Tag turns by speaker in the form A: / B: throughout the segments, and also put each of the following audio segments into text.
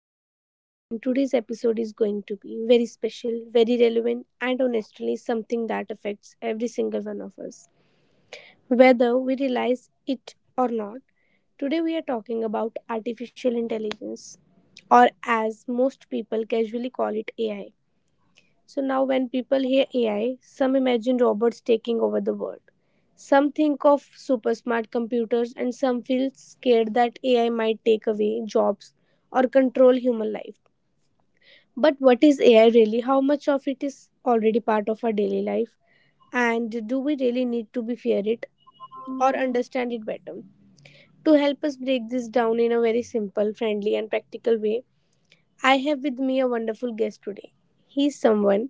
A: host, Deepika, and today's episode is going to be very special, very relevant, and honestly, something that affects every single one of us, whether we realize it or not. Today, we are talking about artificial intelligence, or as most people casually call it, AI. When people hear AI, some imagine robots taking over the world. Some think of super smart computers, and some feel scared that AI might take away jobs or control human life. But what is AI really? How much of it is already part of our daily life? And do we really need to be fear it or understand it better? To help us break this down in a very simple, friendly, and practical way, I have with me a wonderful guest today. He is someone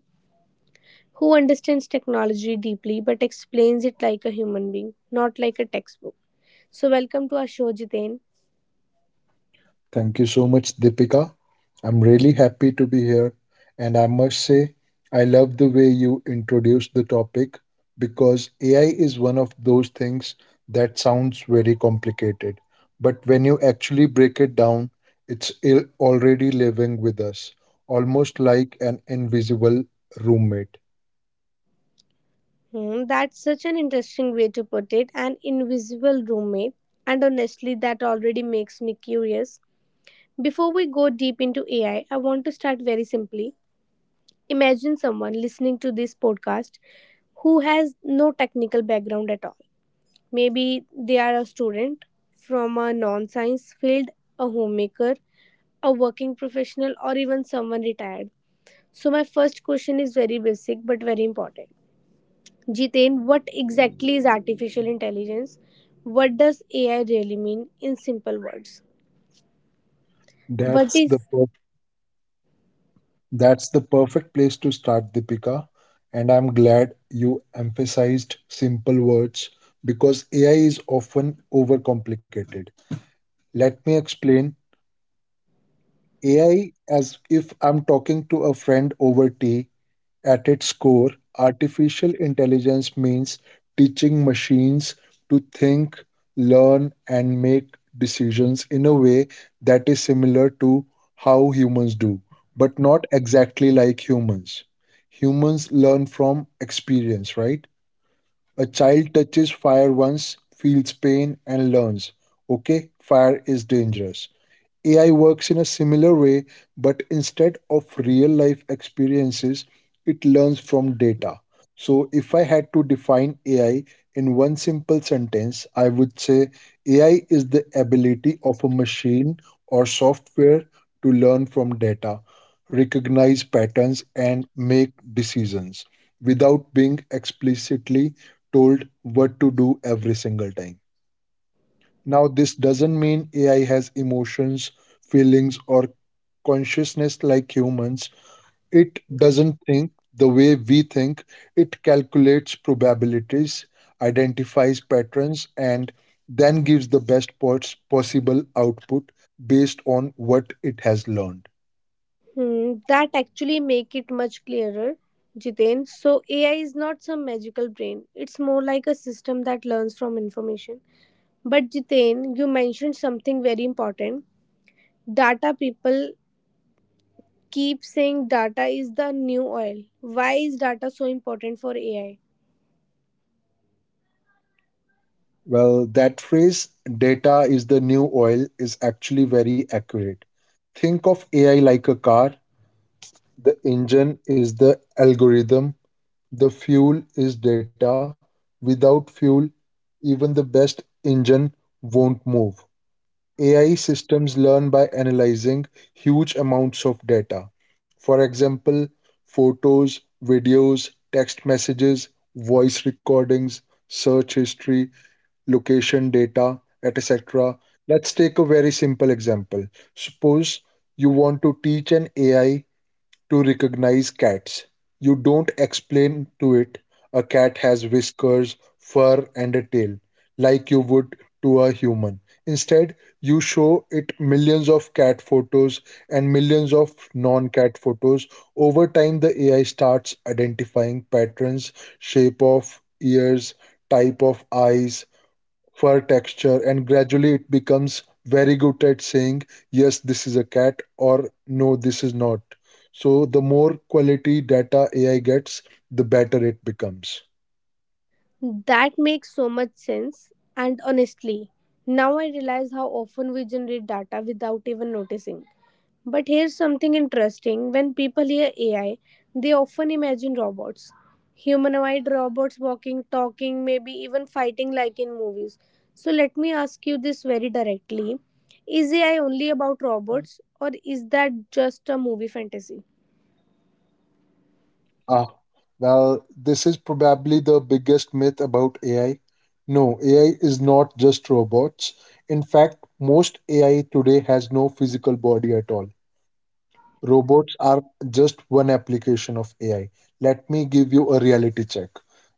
A: who understands technology deeply but explains it like a human being, not like a textbook. So, welcome to our show, Jiten.
B: Thank you so much, Deepika. I'm really happy to be here. And I must say, I love the way you introduced the topic because AI is one of those things that sounds very complicated. But when you actually break it down, it's already living with us, almost like an invisible roommate.
A: Hmm, that's such an interesting way to put it, an invisible roommate. And honestly, that already makes me curious. Before we go deep into AI, I want to start very simply. Imagine someone listening to this podcast who has no technical background at all. Maybe they are a student from a non science field, a homemaker, a working professional, or even someone retired. So, my first question is very basic but very important. Jiten, what exactly is artificial intelligence? What does AI really mean in simple words? What
B: That's the
A: is
B: That's the perfect place to start, Deepika. And I'm glad you emphasized simple words because AI is often overcomplicated. Let me explain AI as if I'm talking to a friend over tea. At its core, artificial intelligence means teaching machines to think, learn, and make decisions in a way that is similar to how humans do, but not exactly like humans. Humans learn from experience, right? A child touches fire once, feels pain, and learns, okay, fire is dangerous. AI works in a similar way, but instead of real life experiences, it learns from data. So, if I had to define AI in one simple sentence, I would say AI is the ability of a machine or software to learn from data, recognize patterns, and make decisions without being explicitly told what to do every single time. Now, this doesn't mean AI has emotions, feelings, or consciousness like humans. It doesn't think the way we think. It calculates probabilities, identifies patterns, and then gives the best possible output based on what it has learned.
A: Hmm, that actually make it much clearer? Jiten, so AI is not some magical brain. It's more like a system that learns from information. But Jiten, you mentioned something very important. Data, people keep saying data is the new oil. Why is data so important for AI?
B: Well, that phrase, data is the new oil, is actually very accurate. Think of AI like a car. The engine is the algorithm, the fuel is data. Without fuel, even the best engine won't move. AI systems learn by analyzing huge amounts of data. For example, photos, videos, text messages, voice recordings, search history, location data, et cetera. Let's take a very simple example. Suppose you want to teach an AI to recognize cats. You don't explain to it a cat has whiskers, fur, and a tail, like you would to a human. Instead, you show it millions of cat photos and millions of non cat photos. Over time, the AI starts identifying patterns: shape of ears, type of eyes, for texture, and gradually it becomes very good at saying yes, this is a cat, or no, this is not. So the more quality data AI gets, the better it becomes.
A: That makes so much sense. And honestly, now I realize how often we generate data without even noticing. But here's something interesting, when people hear AI, they often imagine robots. Humanoid robots walking, talking, maybe even fighting like in movies. So let me ask you this very directly, is AI only about robots, or is that just a movie fantasy?
B: ah well, this is probably the biggest myth about AI. No, AI is not just robots. In fact, most AI today has no physical body at all. Robots are just one application of AI. Let me give you a reality check.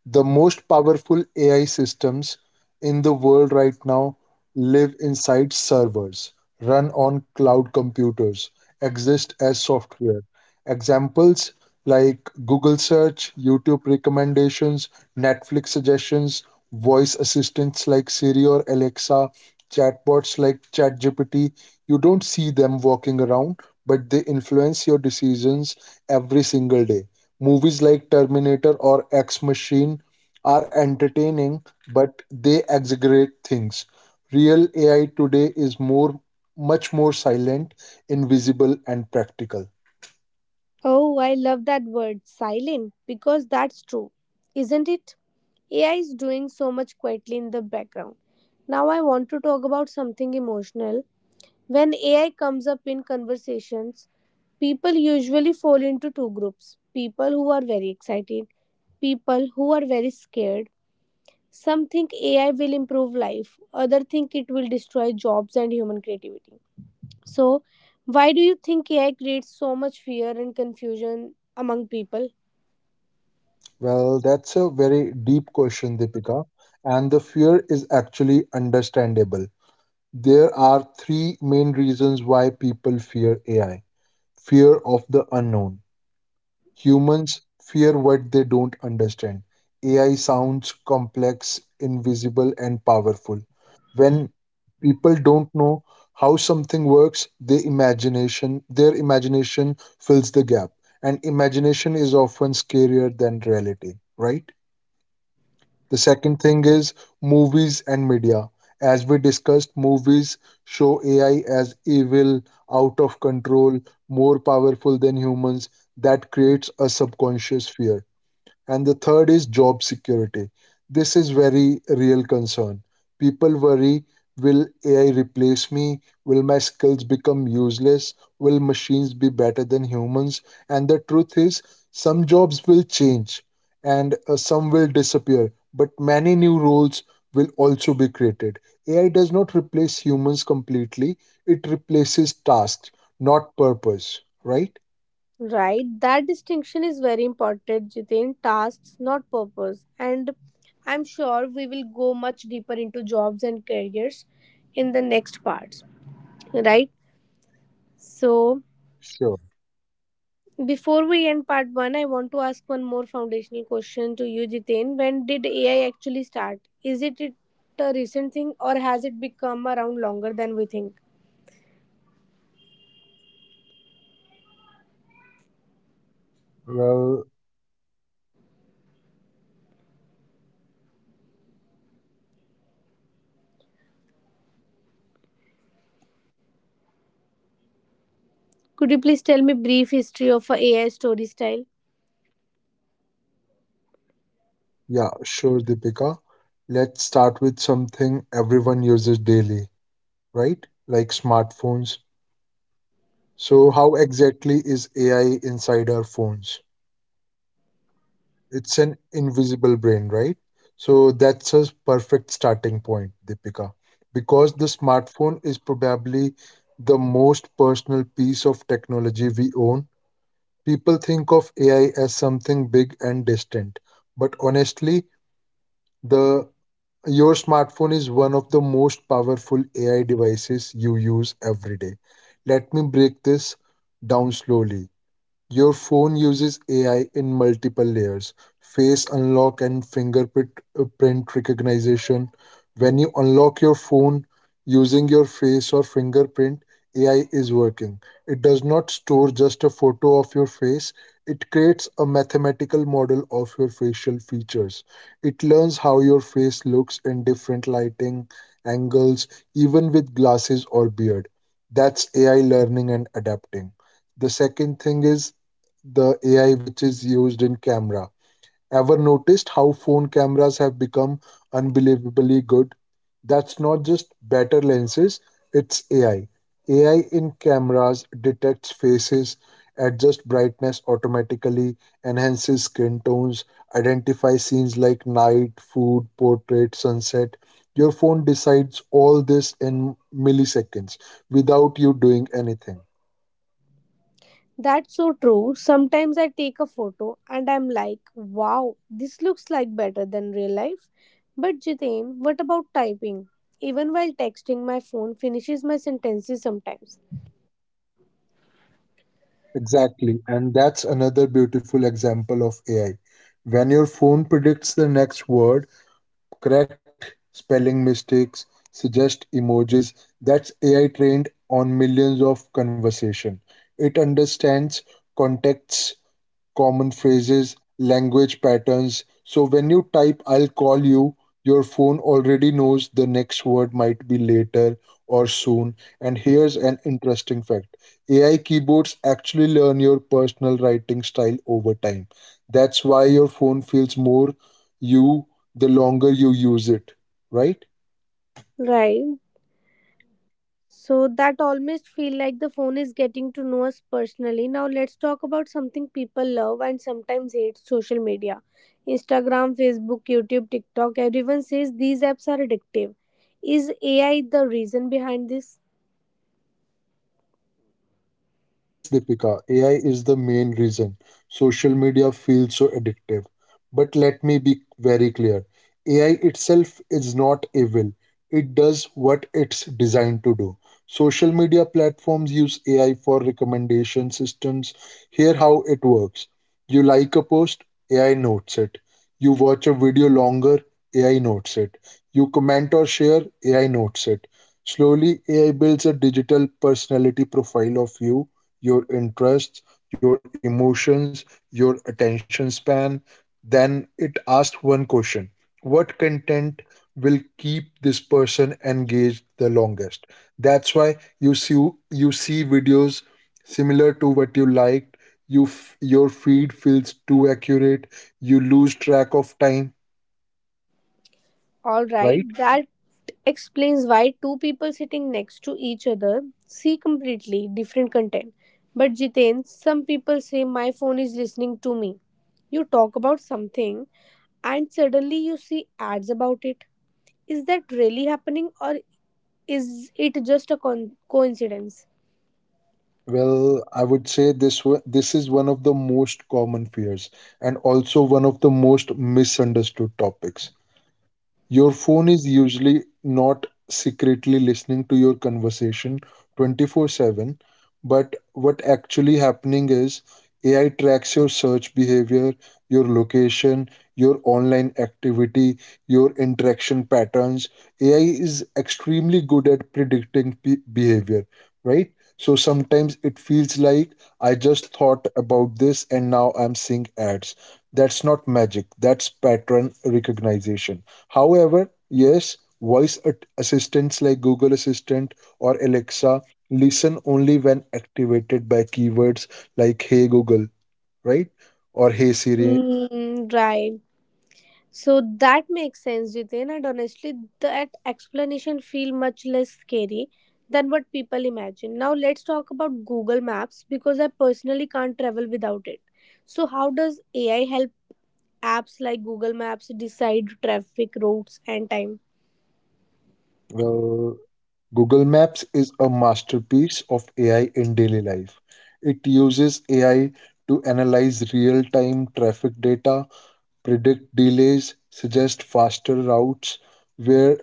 B: The most powerful AI systems in the world right now live inside servers, run on cloud computers, exist as software. Examples like Google search, YouTube recommendations, Netflix suggestions, voice assistants like Siri or Alexa, chatbots like ChatGPT. You don't see them walking around, but they influence your decisions every single day. Movies like Terminator or X Machine are entertaining, but they exaggerate things. Real AI today is more, much more silent, invisible, and practical.
A: Oh, I love that word, silent, because that's true, isn't it? AI is doing so much quietly in the background. Now, I want to talk about something emotional. When AI comes up in conversations, people usually fall into two groups, people who are very excited, people who are very scared. Some think AI will improve life, others think it will destroy jobs and human creativity. So, why do you think AI creates so much fear and confusion among people?
B: Well, that's a very deep question, Deepika, and the fear is actually understandable. There are three main reasons why people fear AI. Fear of the unknown. Humans fear what they don't understand. AI sounds complex, invisible, and powerful. When people don't know how something works, they imagination their imagination fills the gap. And imagination is often scarier than reality, right? The second thing is movies and media. As we discussed, movies show AI as evil, out of control, more powerful than humans. That creates a subconscious fear. And the third is job security. This is very real concern. People worry, will AI replace me? Will my skills become useless? Will machines be better than humans? And the truth is, some jobs will change and some will disappear, but many new roles will also be created. AI does not replace humans completely, it replaces tasks, not purpose, right?
A: Right, that distinction is very important, Jitin. Tasks, not purpose. And I'm sure we will go much deeper into jobs and careers in the next parts. Right? So,
B: Sure.
A: before we end part one, I want to ask one more foundational question to you, Jitin. When did AI actually start? Is it a recent thing or has it become around longer than we think?
B: Well,
A: Could you please tell me brief history of a AI story style?
B: Yeah, sure, Deepika. Let's start with something everyone uses daily, right? Like smartphones. So, how exactly is AI inside our phones? It's an invisible brain, right? So, that's a perfect starting point, Deepika, because the smartphone is probably the most personal piece of technology we own. People think of AI as something big and distant, but honestly, the your smartphone is one of the most powerful AI devices you use every day. Let me break this down slowly. Your phone uses AI in multiple layers: face unlock and fingerprint print recognition. When you unlock your phone using your face or fingerprint, AI is working. It does not store just a photo of your face, it creates a mathematical model of your facial features. It learns how your face looks in different lighting, angles, even with glasses or beard. That's AI learning and adapting. The second thing is the AI which is used in camera. Ever noticed how phone cameras have become unbelievably good? That's not just better lenses, it's AI. AI in cameras detects faces, adjusts brightness automatically, enhances skin tones, identifies scenes like night, food, portrait, sunset. Your phone decides all this in milliseconds without you doing anything.
A: That's so true. Sometimes I take a photo and I'm like, wow, this looks like better than real life. But Jitain, what about typing? Even while texting, my phone finishes my sentences sometimes.
B: Exactly. And that's another beautiful example of AI. When your phone predicts the next word, correct spelling mistakes, suggest emojis, that's AI trained on millions of conversation. It understands contexts, common phrases, language patterns. So when you type, I'll call you, your phone already knows the next word might be later or soon. And here's an interesting fact: AI keyboards actually learn your personal writing style over time. That's why your phone feels more you the longer you use it, right?
A: Right, so that almost feel like the phone is getting to know us personally. Now let's talk about something people love and sometimes hate, social media. Instagram, Facebook, YouTube, TikTok, everyone says these apps are addictive. Is AI the reason behind this?
B: Yes, Deepika, AI is the main reason social media feels so addictive. But let me be very clear, AI itself is not evil, it does what it's designed to do. Social media platforms use AI for recommendation systems. Here, how it works: you like a post, AI notes it. You watch a video longer, AI notes it. You comment or share, AI notes it. Slowly, AI builds a digital personality profile of you, your interests, your emotions, your attention span. Then it asked one question: what content will keep this person engaged the longest? That's why you see videos similar to what you liked. Your feed feels too accurate. You lose track of time,
A: All right,
B: right?
A: that explains why two people sitting next to each other see completely different content. But Jiten, some people say my phone is listening to me. You talk about something and suddenly you see ads about it. Is that really happening or is it just a coincidence?
B: Well, I would say this is one of the most common fears and also one of the most misunderstood topics. Your phone is usually not secretly listening to your conversation 24/7, but what actually happening is AI tracks your search behavior, your location, your online activity, your interaction patterns. AI is extremely good at predicting behavior, right? So sometimes it feels like I just thought about this and now I'm seeing ads. That's not magic, that's pattern recognition. However, yes, voice assistants like Google Assistant or Alexa listen only when activated by keywords like Hey Google, right? Or Hey Siri.
A: Mm, right. So that makes sense, Jiten. And honestly, that explanation feel much less scary than what people imagine. Now let's talk about Google Maps, because I personally can't travel without it. So how does AI help apps like Google Maps decide traffic routes and time?
B: Well, Google Maps is a masterpiece of AI in daily life. It uses AI to analyze real time traffic data, predict delays, suggest faster routes. Where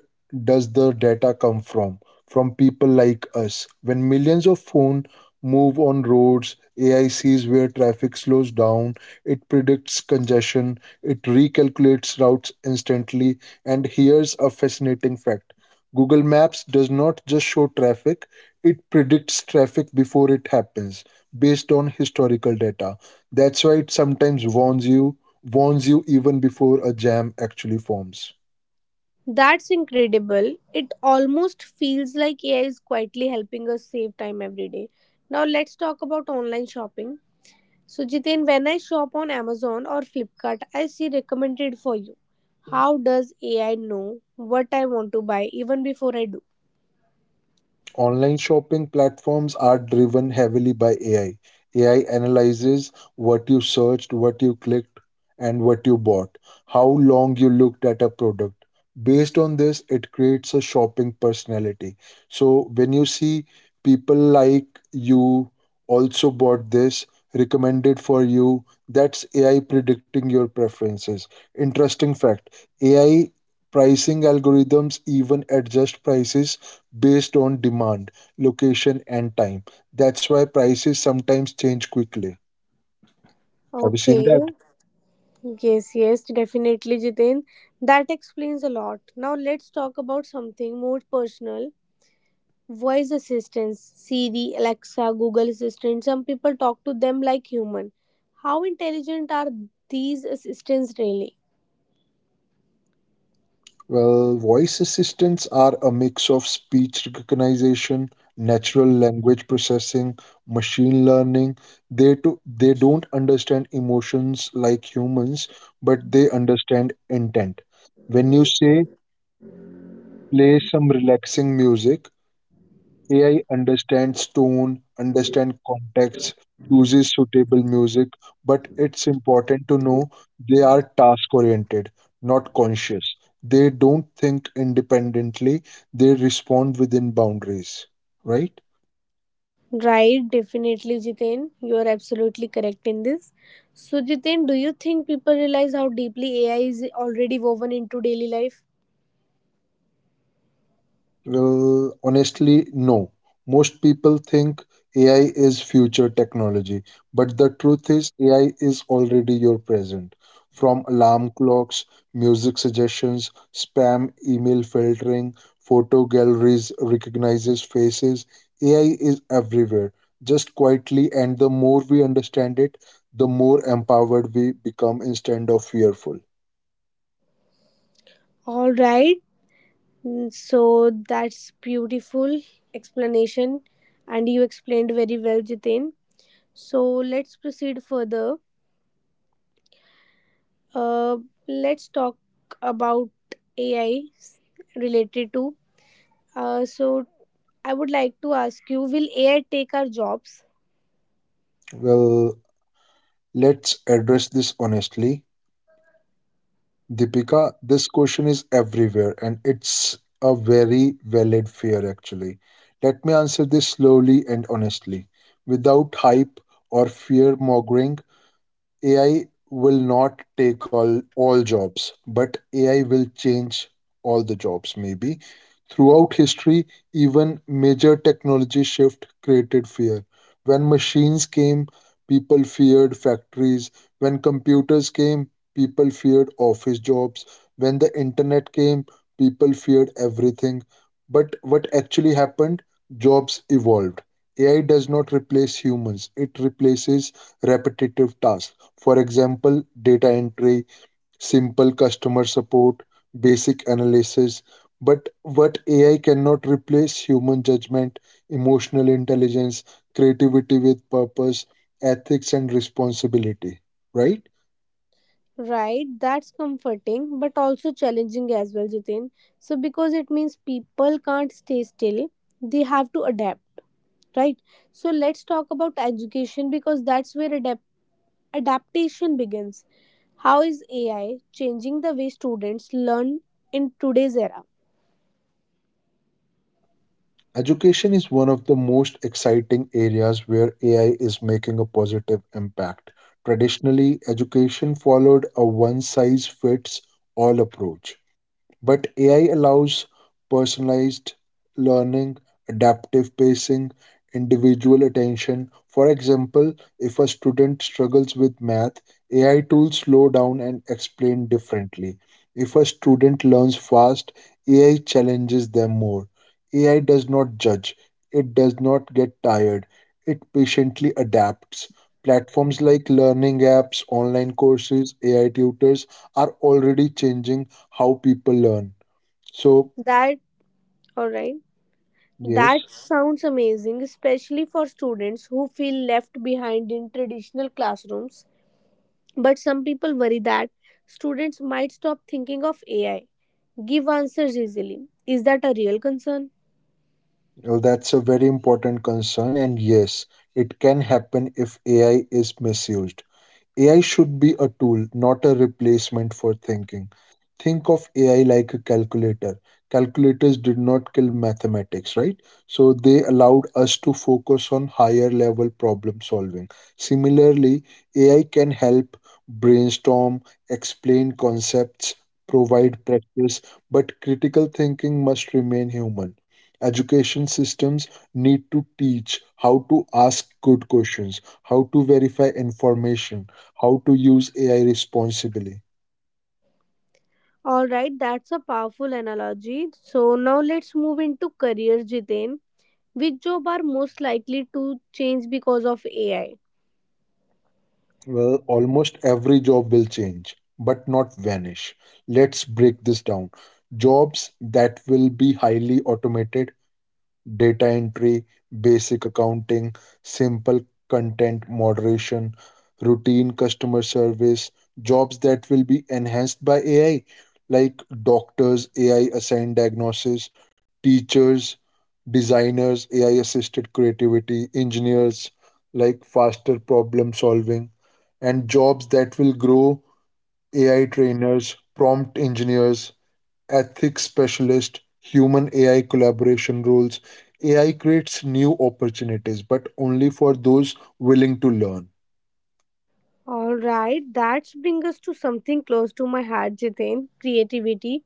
B: does the data come from? From people like us. When millions of phones move on roads, AI sees where traffic slows down, it predicts congestion, it recalculates routes instantly. And here's a fascinating fact: Google Maps does not just show traffic, it predicts traffic before it happens based on historical data. That's why it sometimes warns you even before a jam actually forms.
A: That's incredible. It almost feels like AI is quietly helping us save time every day. Now let's talk about online shopping. So Jiten, when I shop on Amazon or Flipkart, I see recommended for you. How does AI know what I want to buy even before I do?
B: Online shopping platforms are driven heavily by AI. AI analyzes what you searched, what you clicked, and what you bought, how long you looked at a product. Based on this, it creates a shopping personality. So when you see people like you also bought this, recommended for you, that's AI predicting your preferences. Interesting fact: AI pricing algorithms even adjust prices based on demand, location, and time. That's why prices sometimes change quickly. Have you seen
A: Okay.
B: that?
A: Yes, yes, definitely, Jiten. That explains a lot. Now let's talk about something more personal, voice assistants, Siri, Alexa, Google Assistant. Some people talk to them like human, how intelligent are these assistants really?
B: Well, voice assistants are a mix of speech recognition, natural language processing, machine learning. They don't understand emotions like humans, but they understand intent. When you say play some relaxing music, AI understands tone, understands context, chooses suitable music, but it's important to know they are task oriented, not conscious. They don't think independently, they respond within boundaries, right?
A: Right, definitely, Jiten. You are absolutely correct in this. So Jiten, do you think people realize how deeply AI is already woven into daily life?
B: Well, honestly, no. Most people think AI is future technology, but the truth is, AI is already your present. From alarm clocks, music suggestions, spam email filtering, photo galleries recognizes faces, AI is everywhere, just quietly. And the more we understand it, the more empowered we become instead of fearful.
A: All right. Mm, so that's beautiful explanation, and you explained very well, Jiten. So let's proceed further. Uh, let's talk about AI related to. Uh, so, I would like to ask you, will AI take our jobs?
B: Well, let's address this honestly. Deepika, this question is everywhere and it's a very valid fear actually. Let me answer this slowly and honestly, without hype or fear mongering. AI will not take all jobs, but AI will change all the jobs, maybe. Throughout history, even major technology shift created fear. When machines came, people feared factories. When computers came, people feared office jobs. When the internet came, people feared everything. But what actually happened? Jobs evolved. AI does not replace humans, it replaces repetitive tasks. For example, data entry, simple customer support, basic analysis. But what AI cannot replace human judgment, emotional intelligence, creativity with purpose, ethics, and responsibility, right?
A: Right, that's comforting but also challenging as well, Jitin. So, because it means people can't stay still, they have to adapt, right? So, let's talk about education because that's where adaptation begins. How is AI changing the way students learn in today's era?
B: Education is one of the most exciting areas where AI is making a positive impact. Traditionally, education followed a one size fits all approach. But AI allows personalized learning, adaptive pacing, individual attention. For example, if a student struggles with math, AI tools slow down and explain differently. If a student learns fast, AI challenges them more. AI does not judge, it does not get tired, it patiently adapts. Platforms like learning apps, online courses, AI tutors are already changing how people learn. So,
A: That, all right.
B: yes,
A: That sounds amazing, especially for students who feel left behind in traditional classrooms. But some people worry that students might stop thinking of AI, give answers easily. Is that a real concern?
B: that's a very important concern, and yes, it can happen if AI is misused. AI should be a tool, not a replacement for thinking. Think of AI like a calculator. Calculators did not kill mathematics, right? So they allowed us to focus on higher level problem solving. Similarly, AI can help brainstorm, explain concepts, provide practice, but critical thinking must remain human. Education systems need to teach how to ask good questions, how to verify information, how to use AI responsibly.
A: Alright, that's a powerful analogy. So now let's move into career, Jiten. Which job are most likely to change because of AI?
B: Well, almost every job will change, but not vanish. Let's break this down. Jobs that will be highly automated data entry, basic accounting, simple content moderation, routine customer service, jobs that will be enhanced by AI, like doctors, AI assigned diagnosis, teachers, designers, AI assisted creativity, engineers, like faster problem solving, and jobs that will grow AI trainers, prompt engineers, ethics specialist, human AI collaboration roles. AI creates new opportunities, but only for those willing to learn.
A: Alright, that brings us to something close to my heart, Jiten, creativity.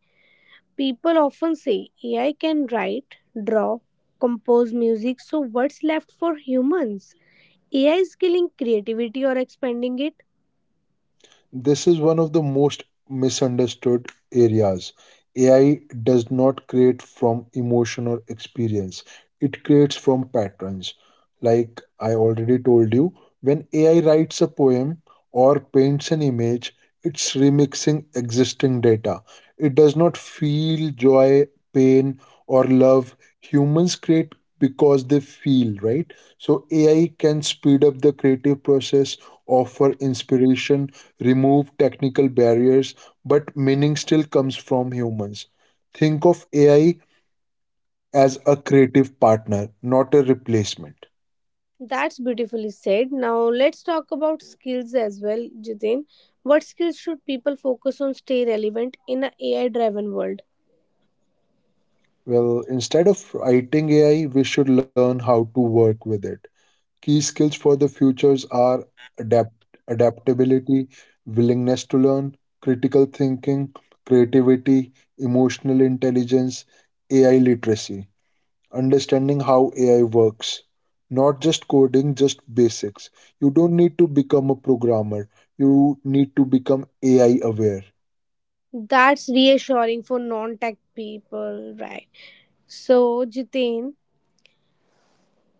A: People often say AI can write, draw, compose music, so what's left for humans? AI is killing creativity or expanding it?
B: This is one of the most misunderstood areas. AI does not create from emotion or experience, it creates from patterns. Like I already told you, when AI writes a poem or paints an image, it's remixing existing data. It does not feel joy, pain, or love. Humans create because they feel, right? So AI can speed up the creative process, offer inspiration, remove technical barriers, but meaning still comes from humans. Think of AI as a creative partner, not a replacement.
A: That's beautifully said. Now let's talk about skills as well, Jitin. What skills should people focus on stay relevant in an AI driven world?
B: Well, instead of writing AI, we should learn how to work with it. Key skills for the futures are adapt- adaptability, willingness to learn, critical thinking, creativity, emotional intelligence, AI literacy. Understanding how AI works. Not just coding, just basics. You don't need to become a programmer. You need to become AI aware.
A: That's reassuring for non tech people, right? So, Jitin,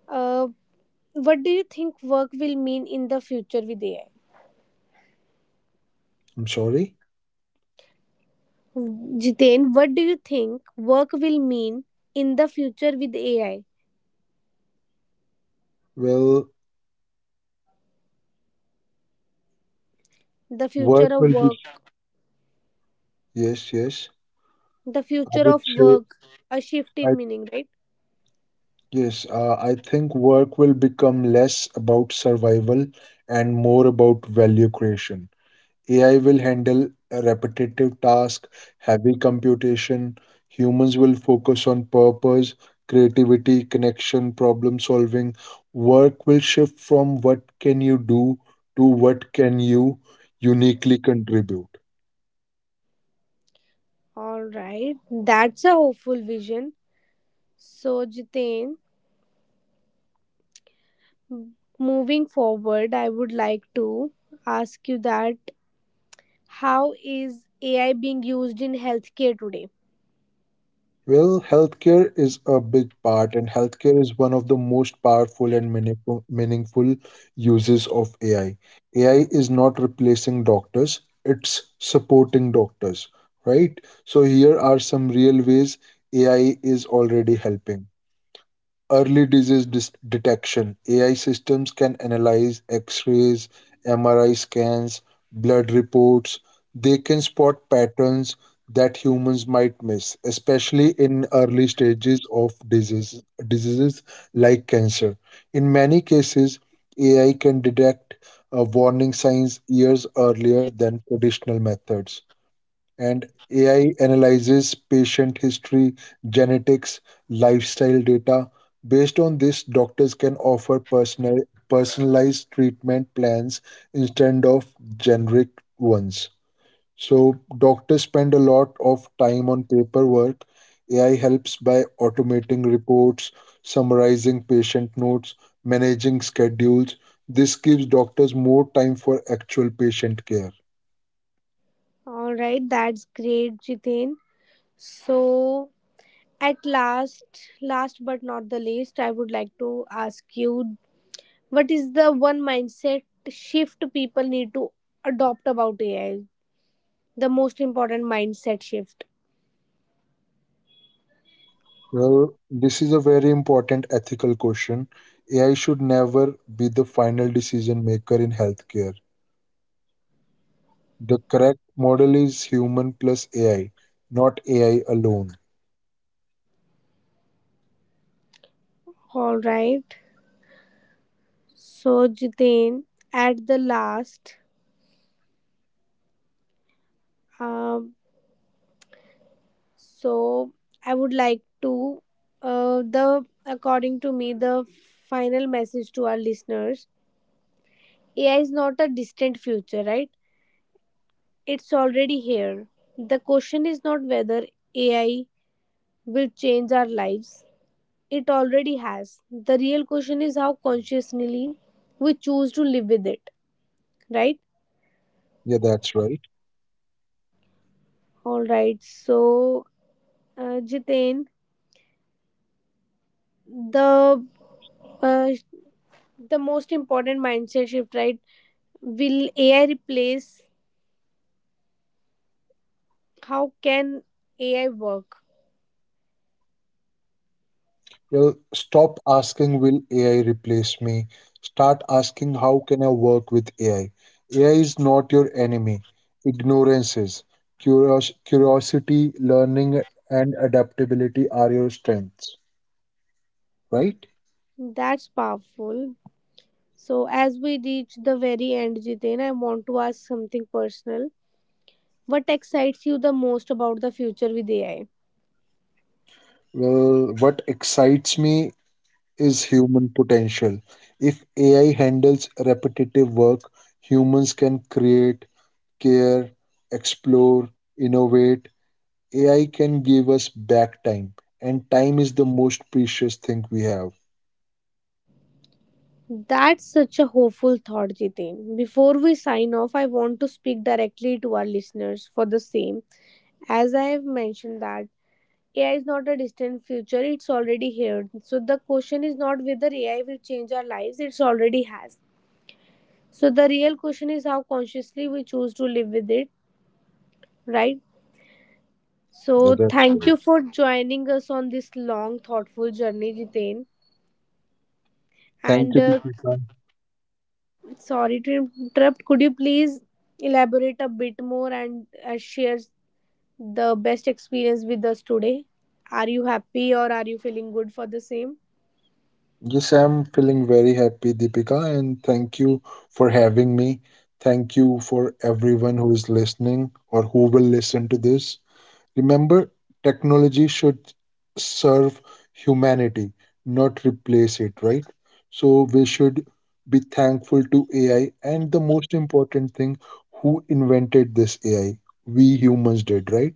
A: uh, what do you think work will mean in the future with AI?
B: I'm sorry.
A: Jiten, what do you think work will mean in the future with AI?
B: Well,
A: The future
B: work
A: of
B: will be
A: work,
B: yes, yes.
A: the
B: I
A: future
B: would
A: of
B: say
A: work, a shift
B: I
A: in meaning, right?
B: yes. I think work will become less about survival and more about value creation. AI will handle repetitive tasks, heavy computation. Humans will focus on purpose, creativity, connection, problem solving. Work will shift from what can you do to what can you uniquely contribute.
A: All right, that's a hopeful vision. So, Jiten, moving forward, I would like to ask you that, how is AI being used in healthcare today?
B: Well, healthcare is a big part, and healthcare is one of the most powerful and meaningful uses of AI. AI is not replacing doctors, it's supporting doctors, right? So, here are some real ways AI is already helping. Early detection AI systems can analyze x rays, MRI scans, blood reports. They can spot patterns that humans might miss, especially in early stages of diseases like cancer. In many cases, AI can detect warning signs years earlier than traditional methods and AI analyzes patient history, genetics, lifestyle data. Based on this, doctors can offer personalized treatment plans instead of generic ones. So, doctors spend a lot of time on paperwork. AI helps by automating reports, summarizing patient notes, managing schedules. This gives doctors more time for actual patient care.
A: All right, that's great, Jiten. So, at last, last but not the least, I would like to ask you, what is the one mindset shift people need to adopt about AI? The most important mindset shift.
B: Well, this is a very important ethical question. AI should never be the final decision maker in healthcare. The correct model is human plus AI, not AI alone.
A: All right. So, Jitin, at the last, um, so I would like to, the according to me, the final message to our listeners: AI is not a distant future, right? It's already here. The question is not whether AI will change our lives, it already has. The real question is how consciously we choose to live with it, right?
B: Yeah, that's right.
A: All right. So, Jiten, the uh, the most important mindset shift, right? Will AI replace? How can AI work?
B: Well, stop asking, will AI replace me? Start asking, how can I work with AI? AI is not your enemy. Ignorance is. Curiosity, learning, and adaptability are your strengths, right?
A: That's powerful. So, as we reach the very end, Jiten, I want to ask something personal. What excites you the most about the future with AI?
B: Well, what excites me is human potential. If AI handles repetitive work, humans can create, care, explore, innovate. AI can give us back time, and time is the most precious thing we have.
A: That's such a hopeful thought, Jitin. Before we sign off, I want to speak directly to our listeners for the same. As I have mentioned that AI is not a distant future, it's already here. So the question is not whether AI will change our lives, it's already has. So the real question is how consciously we choose to live with it, right?
B: Yeah,
A: So
B: that's
A: thank
B: right.
A: you for joining us on this long, thoughtful journey, Jitin.
B: Thank
A: And
B: you, Deepika.
A: sorry to interrupt. Could you please elaborate a bit more and share the best experience with us today? Are you happy or are you feeling good for the same?
B: Yes, I'm feeling very happy, Deepika, and thank you for having me. Thank you for everyone who is listening or who will listen to this. Remember, technology should serve humanity, not replace it, right? So we should be thankful to AI. And the most important thing, who invented this AI? We humans did, right?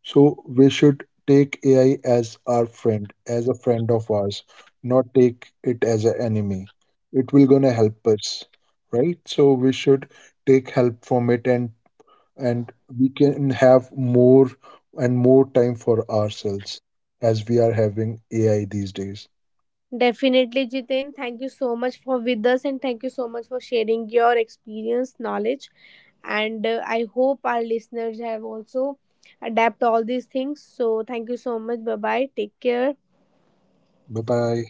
B: So we should take AI as our friend, as a friend of ours, not take it as an enemy. It will gonna help us, right? So we should take help from it and we can have more and more time for ourselves as we are having AI these days.
A: Definitely, Jiten. Thank you so much for with us and thank you so much for sharing your experience, knowledge, and I hope our listeners have also adapt all these things. So thank you so much. Bye bye. Take care.
B: Bye bye.